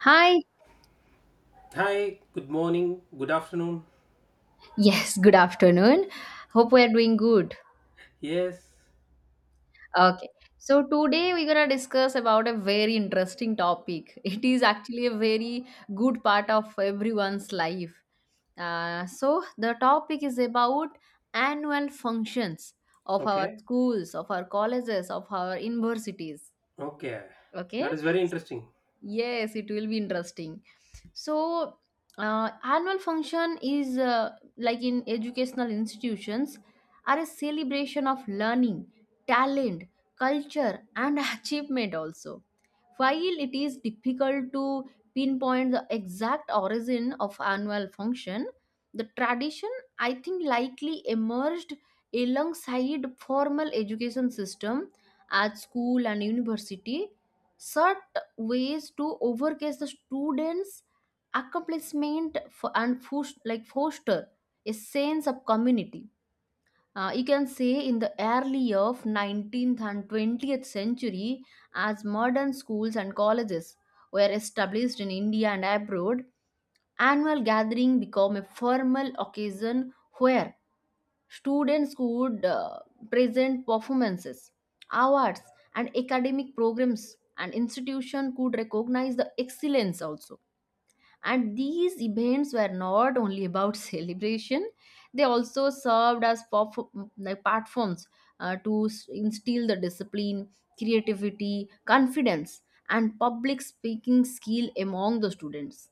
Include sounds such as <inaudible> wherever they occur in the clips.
Hi. Hi, good morning, good afternoon. <laughs> Yes, good afternoon. Hope we are doing good. Yes. Okay. So today we're going to discuss about a very interesting topic. <laughs> It is actually a very good part of everyone's life. So the topic is about annual functions of our Okay. schools, of our colleges, of our universities. Okay. Okay. That is very interesting. Yes, it will be interesting. so Annual function is like in educational institutions, are a celebration of learning, talent, culture, and <laughs> achievement also. While it is difficult to pinpoint the exact origin of annual function, the tradition, I think, likely emerged alongside formal education system at school and university, such ways to overcase the students accomplishment and foster a sense of community. You can say in the early of 19th and 20th century, as modern schools and colleges were established in India and abroad, annual gathering became a formal occasion where students could present performances, awards, and academic programs, and institution could recognize the excellence also. And these events were not only about <laughs> celebration, they also served as platforms to instill the discipline, creativity, confidence, and public speaking skill among the students.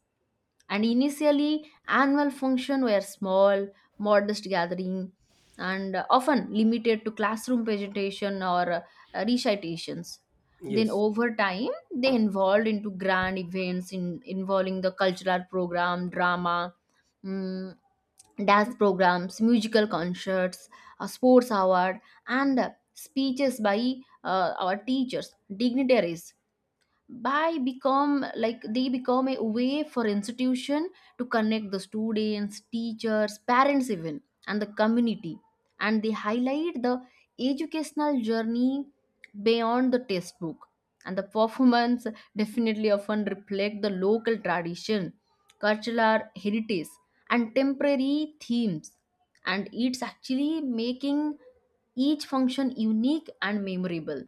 And initially annual functions were small modest gathering, and often limited to classroom presentation or recitations. Then Yes. over time they evolved into grand events, involving the cultural program, drama, mm, dance programs, musical concerts, a sports award, and speeches by our teachers, dignitaries. By become like They become a way for institution to connect the students, teachers, parents even, and the community. And they highlight the educational journey beyond the textbook. And the performance definitely often reflect the local tradition, cultural heritage, and temporary themes. And it's actually making each function unique and memorable.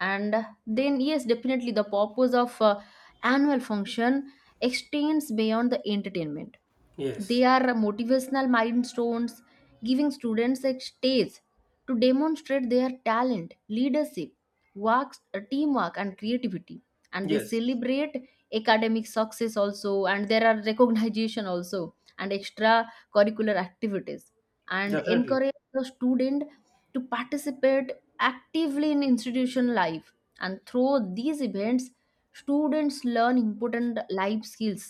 And then yes, definitely the purpose of annual function extends beyond the entertainment. They Yes. are motivational milestones, giving students a stage to demonstrate their talent, leadership works, teamwork and creativity. And they Yes. celebrate academic success also, and there are recognition also, and extra curricular activities, and Definitely. encourage the student to participate actively in institution life. And through these events, students learn important life skills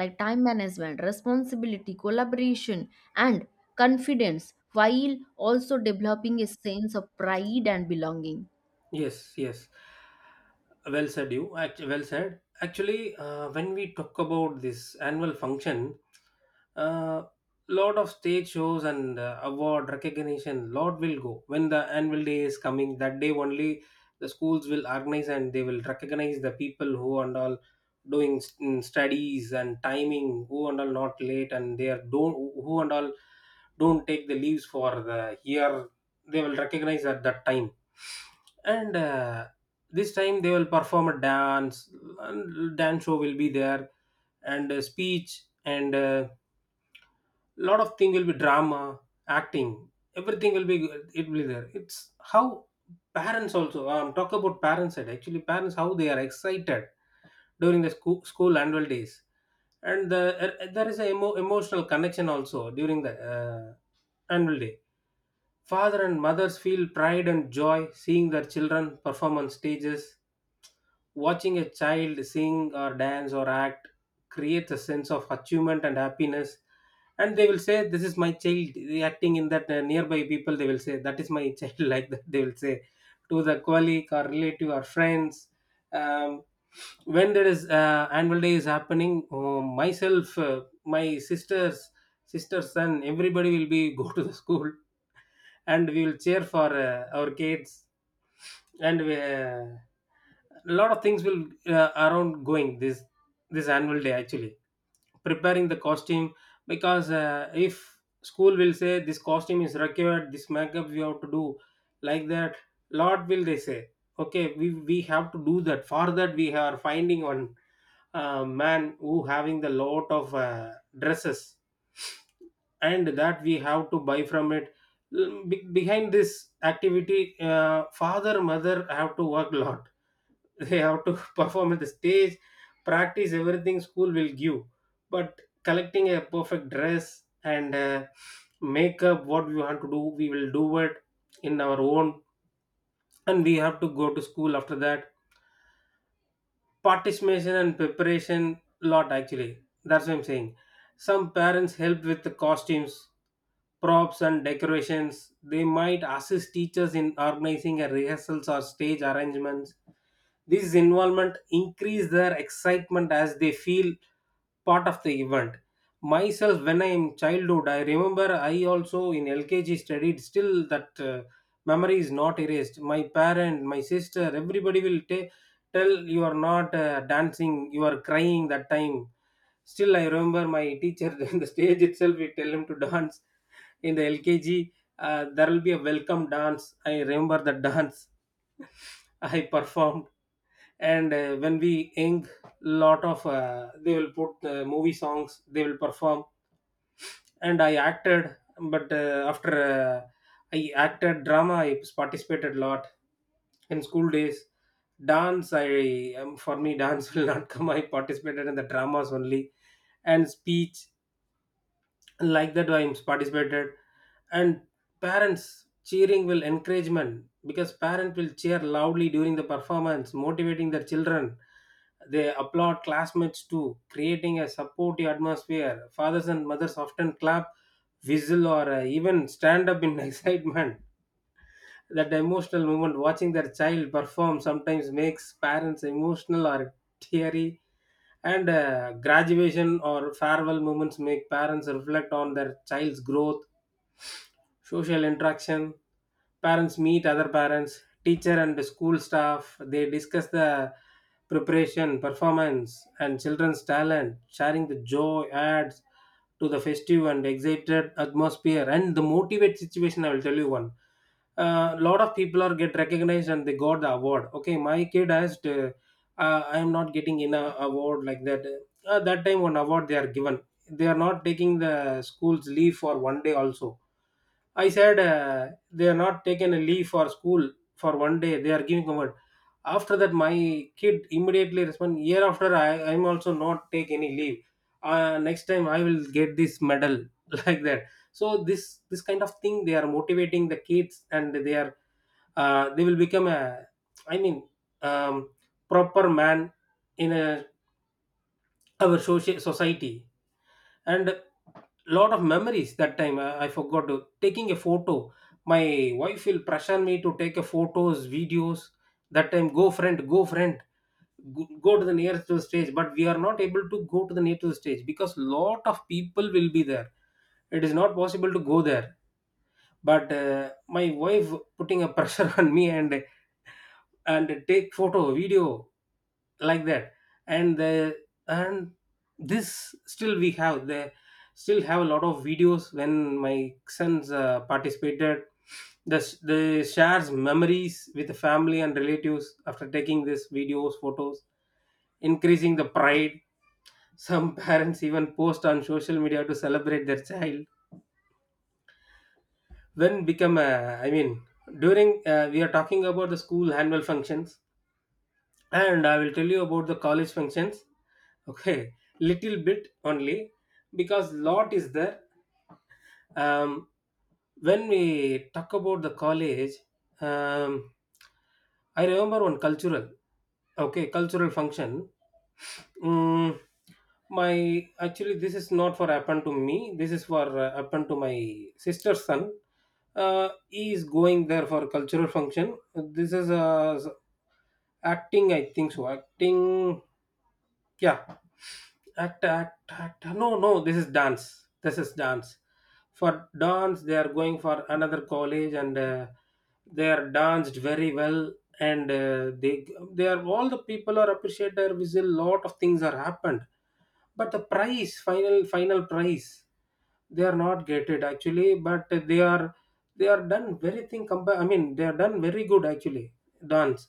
like time management, responsibility, collaboration, and confidence, while also developing a sense of pride and belonging. Yes, yes. Well said, you. Well said. Actually, when we talk about this annual function, uh, lot of stage shows and award recognition, lot will go when the annual day is coming. That day only, the schools will organize and they will recognize the people who and all doing studies and timing, who and all not late, and they are don't who and all don't take the leaves for the year. They will recognize at that time, and this time they will perform a dance, and dance show will be there, and a speech, and a lot of thing will be drama, acting, everything will be, it will be there. It's how parents also talk about parents side. Actually, parents, how they are excited during the school annual days, and there is a emotional connection also during the annual day. Father and mothers feel pride and joy seeing their children perform on stages. Watching a child sing or dance or act creates a sense of achievement and happiness. And they will say, "This is my child," acting in that, nearby people, they will say, "That is my child." <laughs> Like that, they will say to the colleague or relative or friends. Um, when there is annual day is happening, oh, myself, my sisters, sister's son, everybody will be <laughs> go to the school, and we will cheer for our kids. And a lot of things will around going this annual day actually, preparing the costume. Because if school will say this costume is required, this makeup we have to do, like that, lot will they say, okay, we have to do that. For that, we are finding one man who having the lot of dresses, and that we have to buy from it. Behind this activity, father mother have to work a lot. <laughs> They have to <laughs> perform at the stage, practice everything school will give. But collecting a perfect dress and makeup, what we want to do, we will do it in our own, and we have to go to school. After that, participation and preparation, lot actually, that's what I'm saying. Some parents helped with the costumes, props, and decorations. They might assist teachers in organizing a rehearsals or stage arrangements. This involvement increase their excitement as they feel part of the event. Myself, when I am childhood, I remember I also in LKG studied. Still, that memory is not erased. My parent, my sister, everybody will tell, "You are not dancing, you are crying that time." Still, I remember my teacher <laughs> in the stage itself. We tell him to dance in the LKG. There will be a welcome dance. I remember the dance <laughs> I performed. And when we ink lot of they will put movie songs, they will perform, and I acted. But after I acted drama, I participated a lot in school days. Dance, I, for me, dance <laughs> will not come. I participated in the dramas only, and speech, like that, I participated. And parents cheering will encouragement, because parent will cheer loudly during the performance, motivating their children. They applaud classmates too, creating a supportive atmosphere. Fathers and mothers often clap, whistle, or even stand up in <laughs> excitement. That emotional moment, watching their child perform, sometimes makes parents emotional or teary. And graduation or farewell moments make parents reflect on their child's growth. Social interaction, parents meet other parents, teacher, and school staff. They discuss the preparation, performance, and children's talent. Sharing the joy adds to the festive and excited atmosphere. And the motivate situation, I will tell you one. A lot of people are get recognized and they got the award. Okay, my kid asked, "I am not getting in a award," like that. That time one award they are given. They are not taking the school's leave for one day also. I said, "They are not taking a leave for school for one day. They are giving a..." After that, my kid immediately respond, "Year after, I'm also not take any leave. Next time I will get this medal," <laughs> like that. So this kind of thing they are motivating the kids. And they are, they will become a, I mean, um, proper man in a, our social society. And lot of memories that time, I forgot to taking a photo. My wife will pressure me to take a photos, videos. That time, "Go, friend, go, friend, go, go to the nearest to the stage." But we are not able to go to the nearest to the stage because lot of people will be there. It is not possible to go there. But my wife putting a pressure <laughs> on me, and take photo video, like that. And the, and this still we have the, still have a lot of videos when my sons participated. The shares memories with the family and relatives after taking these videos, photos, increasing the pride. Some <laughs> parents even post on social media to celebrate their child. Then become a, I mean, during we are talking about the school annual functions. And I will tell you about the college functions. Okay, little bit only, because lot is there. um, when we talk about the college, um, I remember one cultural, okay, cultural function. Mm, my Actually, this is not for happened to me. This is for happened to my sister's son. He is going there for cultural function. This is acting, I think so. Acting, yeah, act, act, act. No, no, this is dance. This is dance. For dance, they are going for another college. And they are danced very well. And they are, all the people are appreciated. There is a lot of things are happened. But the price, final price, they are not gated actually. But they are done very thing compare, I mean, they are done very good actually, dance,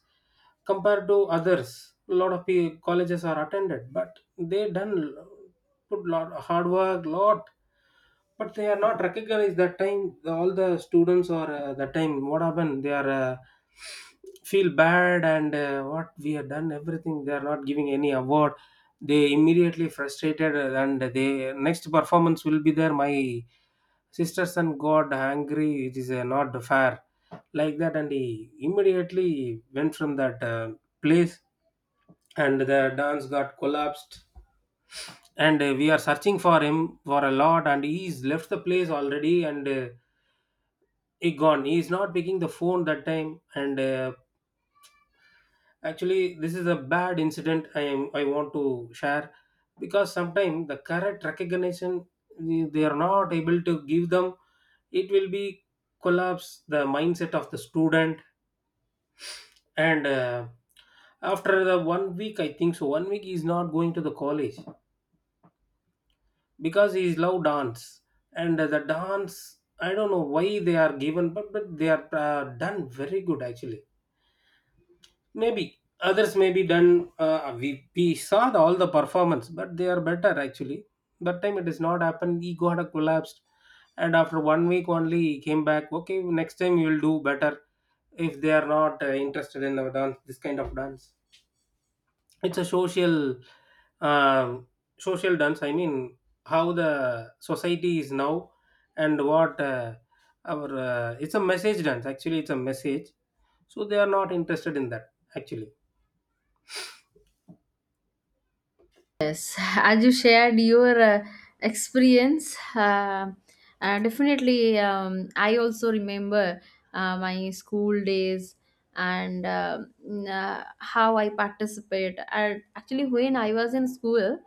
compared to others. A lot of colleges are attended, but they done, put lot hard work, lot. But they are not recognized that time. All the students, or that time what happened, they are feel bad. And what we have done, everything, they are not giving any award. They immediately frustrated, and they next performance will be there. My sister's son got angry. "It is not fair," like that, and he immediately went from that place. And the dance got collapsed. And we are searching for him for a lot, and he's left the place already. And he gone. He is not picking the phone that time. And actually, this is a bad incident. I want to share, because sometimes the correct recognition they are not able to give them, it will be collapse the mindset of the student. And after the one week, I think so, one week he is not going to the college, because he is love dance. And the dance, I don't know why they are given. But they are done very good actually. Maybe others may be done. We saw all the performance, but they are better actually. That time it is not happened. Ego had a collapsed, and after one week only he came back. "Okay, next time you will do better." If they are not interested in the dance, this kind of dance, it's a um, social dance. I mean, how the society is now, and what our it's a message dance. Actually, it's a message. So they are not interested in that actually. Yes, <laughs> as you shared your experience, definitely I also remember my school days and how I participate. And actually, when I was in school,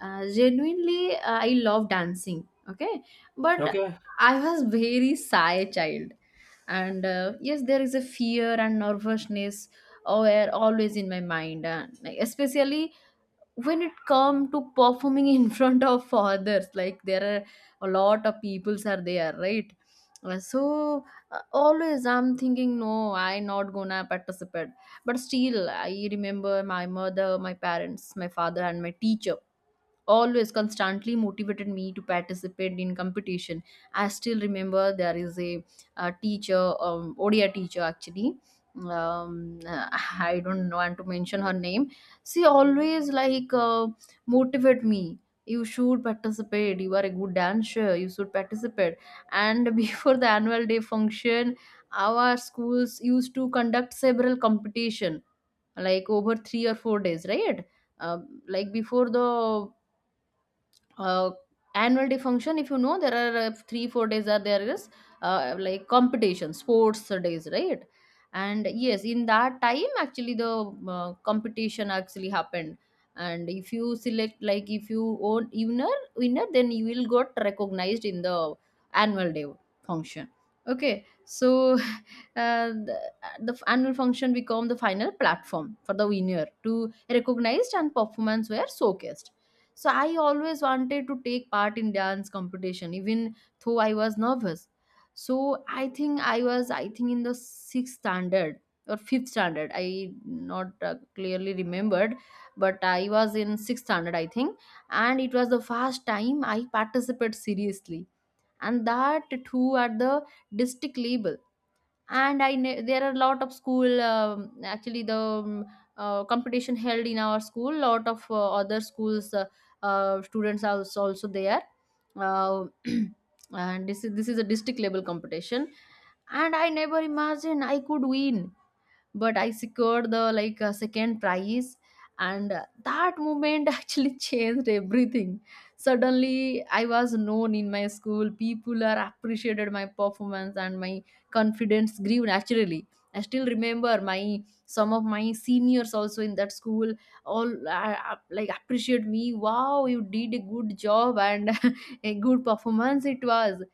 genuinely I love dancing. Okay, but Okay. I was very shy child, and yes, there is a fear and nervousness, oh, are always in my mind, especially when it come to performing in <laughs> front of others, like there are a lot of peoples are there, right? Uh, so Always I'm thinking, no, I not gonna participate. But still I remember my mother, my parents, my father and my teacher always constantly motivated me to participate in competition. I still remember there is a teacher, odia teacher actually, um, I don't want to mention her name. She always like motivate me, you should participate, you are a good dancer, you should participate. And <laughs> before the annual day function, our schools used to conduct several competition, like over 3 or 4 days, right? Um like before the uh, annual day function, if you know there are 3 4 days are there, is like competition, sports days, right? And yes, in that time actually the competition actually happened. And if you select, like if you own winner winner, then you will got recognized in the annual day function. Okay, so <laughs> uh, the, the annual function become the final platform for the winner to recognized and performance were showcased. So I always wanted to take part in dance competition, even though I was nervous. So I think I was, I think in the sixth standard or fifth standard. I not clearly remembered, but I was in sixth standard, I think, and it was the first time I participated seriously, and that too at the district level. And there are a lot of school, actually the competition held in our school. Lot of other schools students are also, also there. Uh, <clears throat> and this is a district level competition, and I never imagined I could win, but I secured the like second prize, and that moment <laughs> actually changed everything. Suddenly, I was known in my school. People are appreciated my performance, and my confidence grew naturally. I still remember my some of my seniors also in that school all appreciate me. Wow, you did a good job and <laughs> a good performance it was.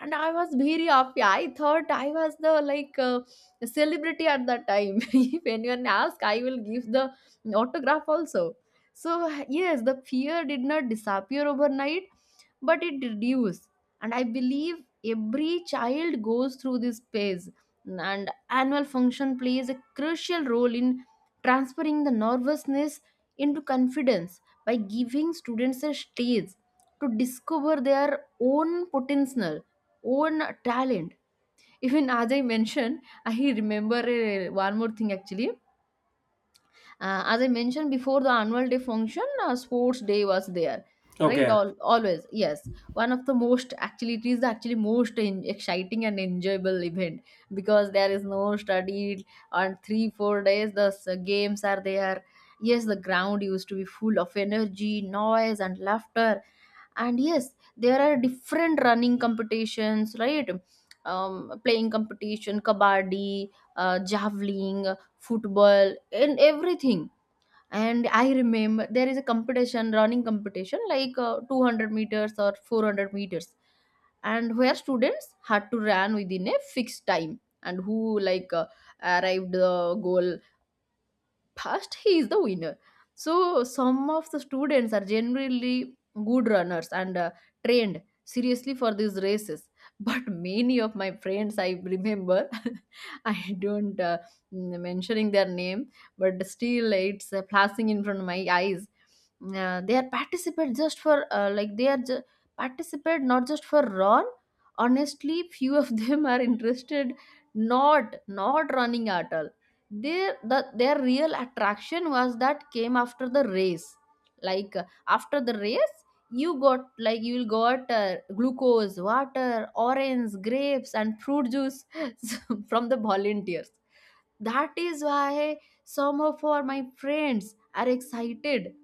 And I was very happy. I thought I was the like celebrity at that time. <laughs> If anyone asks, I will give the autograph also. So yes, the fear did not disappear overnight, but it reduced. And I believe every child goes through this phase. And annual function plays a crucial role in transferring the nervousness into confidence by giving students a stage to discover their own potential, own talent. Even as I mentioned, I remember one more thing actually. As I mentioned before, the annual day function, sports day was there, right? Okay. All always yes. One of the most actually, it is the actually most exciting and enjoyable event, because there is no study on 3 4 days. The games are there. Yes, the ground used to be full of energy, noise, and laughter. And yes, there are different running competitions, right? Playing competition, kabaddi, javelin, football, and everything. And I remember there is a competition, running competition like 200 meters or 400 meters, and where students had to run within a fixed time, and who like arrived the goal past, he is the winner. So some of the students are generally good runners and trained seriously for these races, <laughs> but many of my friends I remember, <laughs> I don't mentioning their name, but still it's flashing in front of my eyes. They are participate just for, like participate not just for run. Honestly few of them are interested, not not running at all. Their real attraction was that came after the race. Like after the race, you got, like you'll got glucose water, orange, grapes and fruit juice <laughs> from the volunteers. That is why some of our my friends are excited,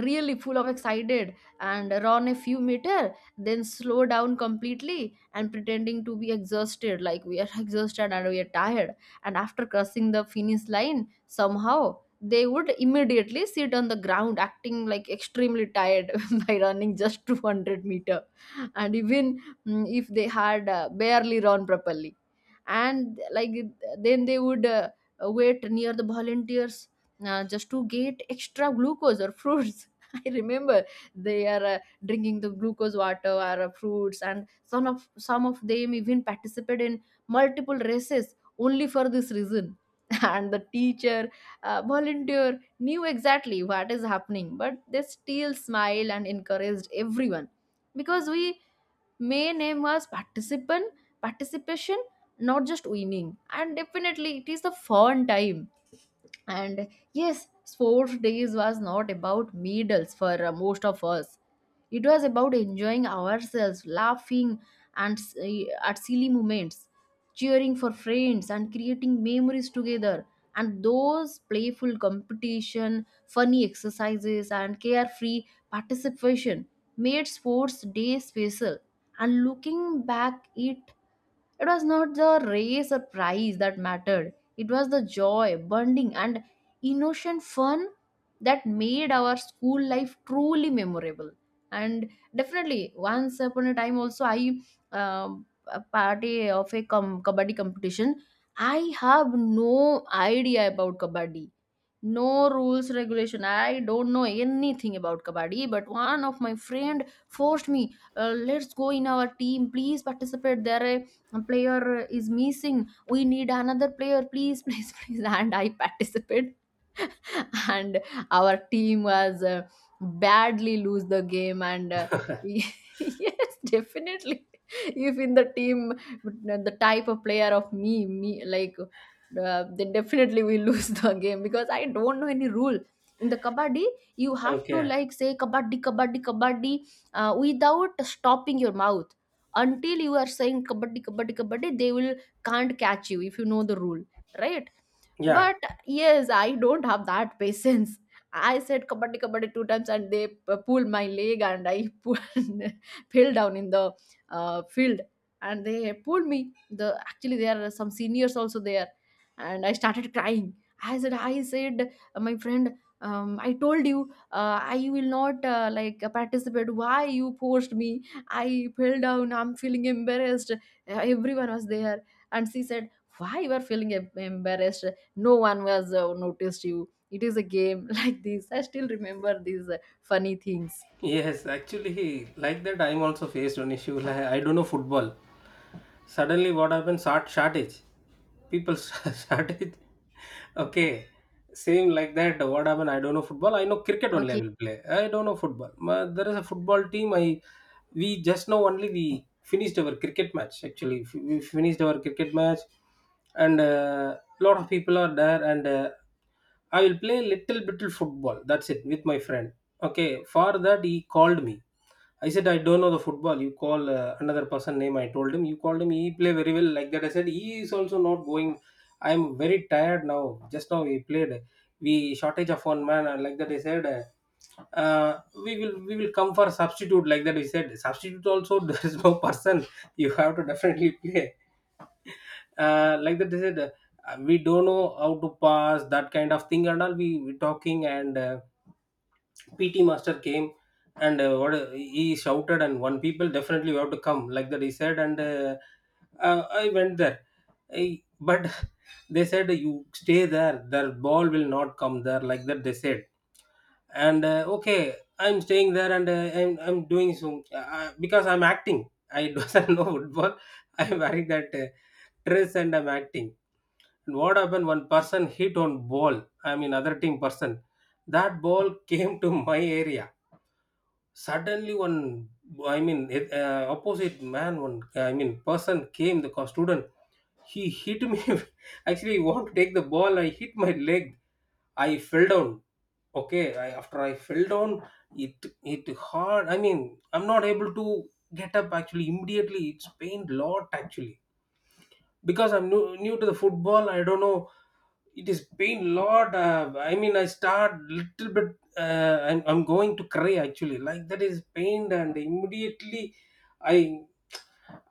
really full of excited, and run a few meter then slow down completely and pretending to be exhausted, like we are <laughs> exhausted and we are tired. And after crossing the finish line, somehow they would immediately sit on the ground, acting like extremely tired <laughs> by running just 200 meter. And even if they had barely run properly, and like then they would wait near the volunteers just to get extra glucose or fruits. <laughs> I remember they are drinking the glucose water or fruits. And some of them even participated in multiple races only for this reason. <laughs> And the teacher volunteer knew exactly what is happening, but they still smiled and encouraged everyone, because we may name as participant, participation, not just winning. And definitely it is the fun time. And yes, sports days was not about medals for most of us. It was about enjoying ourselves, laughing and at silly moments, cheering for friends and creating memories together. And those playful competition, funny exercises and carefree participation made sports day special. And looking back, it was not the race or prize that mattered. It was the joy, bonding, and innocent fun that made our school life truly memorable. And definitely, once upon a time, also I a party of a kabaddi competition. I have no idea about kabaddi, no rules, regulation. I don't know anything about kabaddi, but one of my friend forced me. Let's go in our team, please participate. There a player is missing. We need another player, please, please, <laughs> please. And I participated. <laughs> And our team was badly lose the game. And <laughs> <laughs> yes, definitely, if in the team the type of player of me, me, like then definitely we <laughs> lose the game, because I don't know any rule. In the kabaddi, you have to Okay. like say kabaddi, kabaddi, kabaddi without stopping your mouth. Until you are saying kabaddi, kabaddi, kabaddi, they will can't catch you if you know the rule, right? Yeah. But yes, I don't have that <laughs> patience. I said kabaddi, kabaddi two times, and they pulled my leg, and I <laughs> pulled, fell down in the field, and they pulled me. The Actually there are some seniors also there, and I started crying. I said my friend, I told you I will not participate, why you forced me. I fell down, I'm feeling embarrassed. Everyone was there, and she said, why you are feeling embarrassed, no one was noticed you, it is a game. <laughs> Like this I still remember these funny things. Yes, actually, like that, I'm also faced an issue. Like, I don't know football. Suddenly what happened, shortage, people <laughs> shortage, okay. Same like that, what happened, I don't know football, I know cricket only, I Okay. will play, I don't know football. There is a football team. I We just now only we finished our cricket match. Actually, we finished our cricket match. And lot of people are there. And I will play little bit football, that's it, with my friend. Okay, for that he called me. I said, "I don't know the football. You call another person name." I told him, "You called him. He play very well," like that. I said, "He is also not going. I am very tired now. Just now we played. We shortage of one man," and like that. I said "Uh, we will come for substitute like that." He said substitute also <laughs> there is no person. You have to definitely play like that. They said we don't know how to pass that kind of thing and all. We talking and. PT master came and what he shouted and one people definitely you have to come like that he said and I went there. But <laughs> they said you stay there. The ball will not come there like that they said. And okay, I'm staying there and I'm doing so because I'm acting. I <laughs> doesn't know football. I'm wearing that dress and I'm acting. And what happened? One person hit on ball. I mean, other team person. That ball <laughs> came to my area suddenly one, opposite man, one, person came, the student. He hit me. <laughs> Actually he want to take the ball, I hit my leg. I fell down. Okay, after I fell down, it hard. I mean, I'm not able to get up actually. Immediately it's pained lot actually because I'm new to the football, I don't know. It is pain lot. I mean I start little bit I'm going to cry actually, like that is pained, and immediately I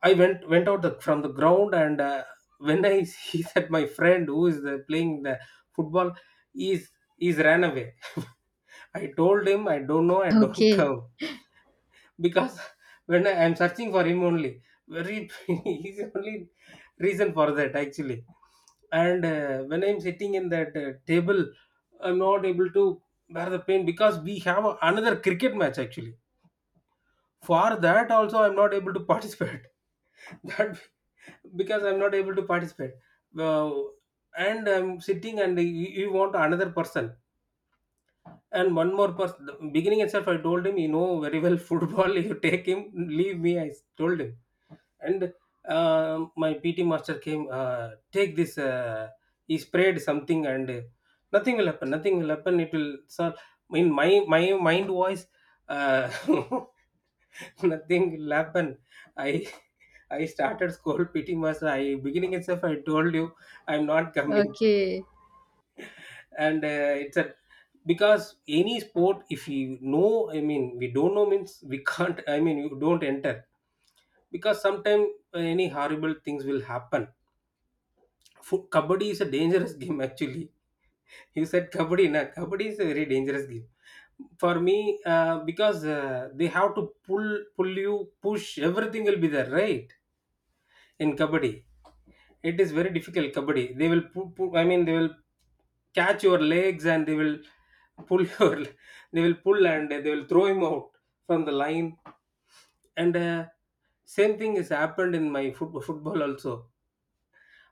went out from the ground, and when I <laughs> see that my friend who is playing the football is ran away. <laughs> I told him I don't know, I don't <laughs> Okay. come, because <laughs> when I am searching for him only, very <laughs> he's the only reason for that actually. And when I'm sitting in that table, I'm not able to bear the pain because we have another cricket match actually. For that also, I'm not able to participate. <laughs> That because I'm not able to participate. Well, and I'm sitting and you want another person and one more person. Beginning itself, I told him, you know very well football. <laughs> You take him, leave me. I told him, and my PT master came. Take this. He sprayed something, and nothing will happen. Nothing will happen. It will. Sir, in my mind voice, uh, <laughs> nothing will happen. I I started school PT master. I beginning itself, I told you, I'm not coming, Okay. and it's a, because any sport, if you know, I mean, we don't know means we <laughs> can't. I mean, you don't enter because sometimes any horrible things will happen. Kabaddi is a dangerous <laughs> game actually. You said kabaddi na, kabaddi is a very dangerous game for me because they have to pull you, push, everything will be there, right? In kabaddi it is very difficult. Kabaddi, they will I mean, they will catch your legs and they will pull <laughs> your. They will pull and they will throw him out from the line. And same thing has happened in my football also.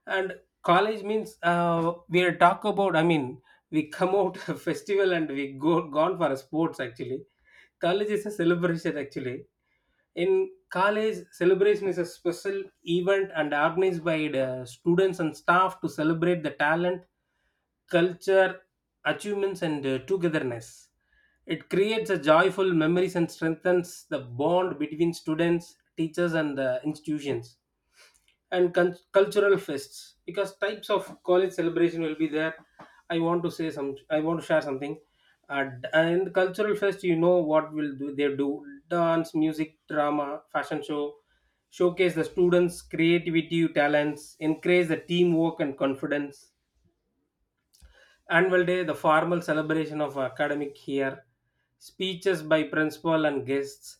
And college means we are talk about. I mean, we come out <laughs> a festival and we go gone for a sports actually. College is a celebration actually. In college, celebration is a special event and organized by the students and staff to celebrate the talent, culture, achievements, and togetherness. It creates a joyful memories and strengthens the bond between students, teachers, and the institutions, and cultural fests, because types of college celebration will be there. I want to say some, I want to share something. And cultural fest, you know what will do, they do dance, music, drama, fashion show, showcase the students creativity talents, encourage the teamwork and confidence. Annual day, the formal celebration of academic year, speeches by principal and guests,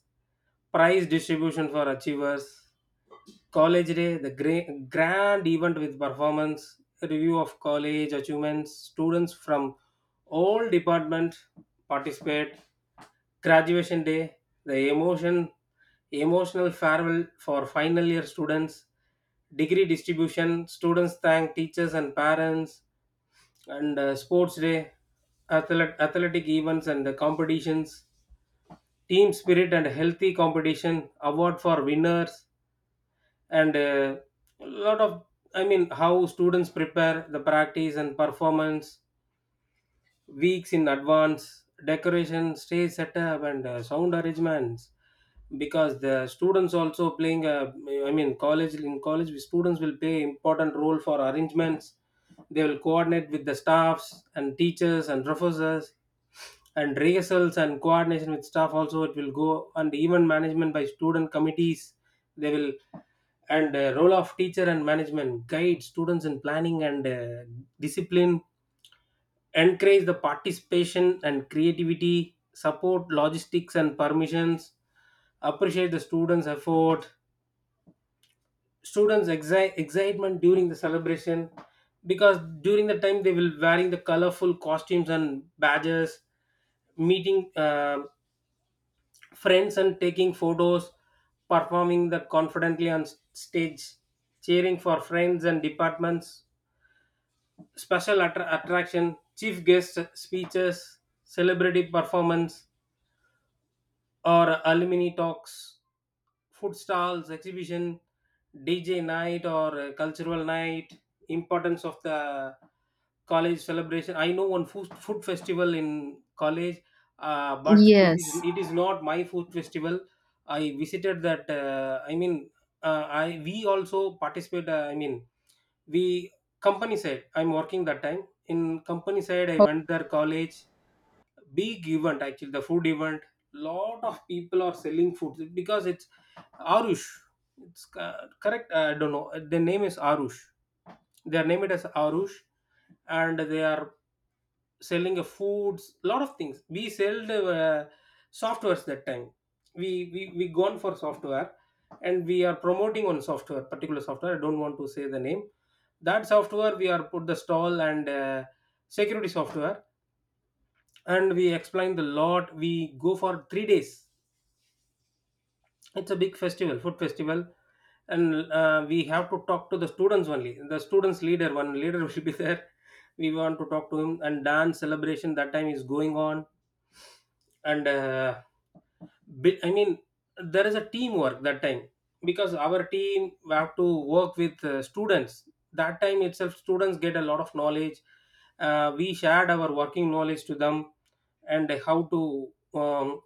prize distribution for achievers. College day, the grand event with performance review of college achievements, students from all department participate. Graduation day, the emotional farewell for final year students, degree distribution, students thank teachers and parents. And sports day, athletic events and the competitions, team spirit and healthy competition, award for winners. And a lot of, I mean, how students prepare, the practice and performance, weeks in advance, decoration, stage setup, and sound arrangements, because the students also playing a, I mean, college in college we students will play important role for arrangements. They will coordinate with the staffs and teachers and professors, and rehearsals and coordination with staff also it will go, and even management by student committees, they will. And role of teacher and management, guide students in planning and discipline, encourage the participation and creativity, support logistics and permissions, appreciate the students' effort, students' excitement during the celebration, because during the time they will wearing the colorful costumes and badges, meeting friends and taking photos, performing that confidently on stage, cheering for friends and departments, special attraction, chief guest speeches, celebrity performance or alumni talks, food stalls, exhibition, DJ night or cultural night, importance of the college celebration. I know one food festival in college, but it is Yes. it is not my food festival. I visited that. I mean, I we also participate. I mean, we company side. I'm working that time in company side. I Oh, went there college, big event actually, the food event. Lot of people are selling food because it's arush. It's correct. I don't know the name is arush. They are named it as arush, and they are selling a foods, lot of things. We sell the softwares that time. We gone for software and we are promoting on software, particular software, I don't want to say the name. That software, we are put the stall, and security software, and we explain the lot. We go for 3 days. It's a big festival, food festival. And we have to talk to the students only, the students leader, one leader <laughs> will be there. We want to talk to him, and dance celebration that time is going on. And I mean, there is a teamwork that time, because our team we have to work with students. That time itself students get a lot of knowledge. We shared our working knowledge to them, and how to,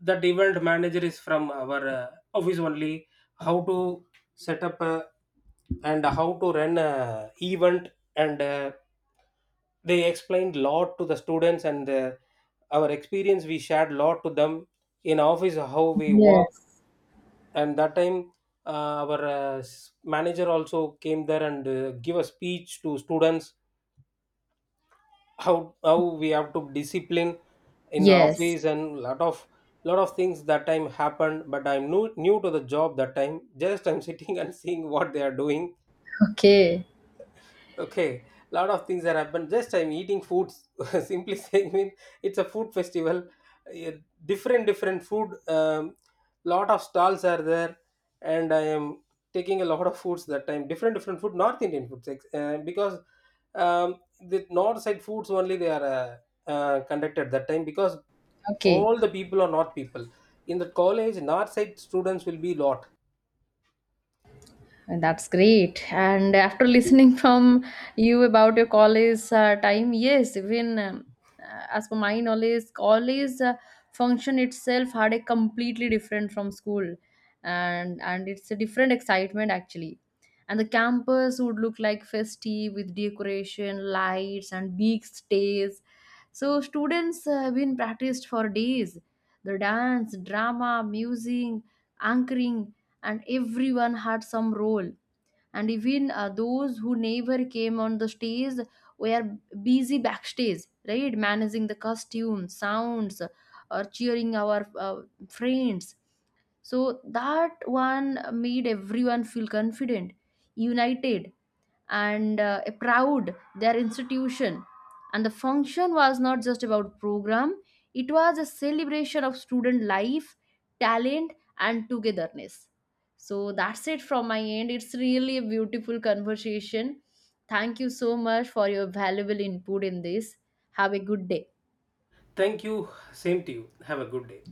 that event manager is from our office only, how to set up a, and how to run a event. And they explained lot to the students, and our experience we shared lot to them, in office how we work. yes. And that time, our manager also came there and give a speech to students, how we have to discipline in the Yes. office, and lot of things that time happened. But I'm new to the job that time, just I'm sitting <laughs> and seeing what they are doing. Okay. Okay, lot of things are happened. Just I'm eating foods. <laughs> Simply saying, mean it's a food festival. Yeah, different different food. Lot of stalls are there, and I am taking a lot of foods that time. Different different food, North Indian foods, because the north side foods only they are conducted that time, because Okay. all the people are north people. In the college, north side students will be lot. That's great. And after listening from you about your college time, yes, even as per my knowledge, college function itself had a completely different from school, and it's a different excitement actually. And the campus would look like festive with decoration, lights, and big stage. So students have been practiced for days. The dance, drama, music, anchoring, and everyone had some role. And even those who never came on the stage were busy backstage, right? Managing the costumes, sounds, or cheering our friends. So that one made everyone feel confident, united, and proud their institution. And the function was not just about program; it was a celebration of student life, talent, and togetherness. So that's it from my end. It's really a beautiful conversation. Thank you so much for your valuable input in this. Have a good day. Thank you. Same to you. Have a good day.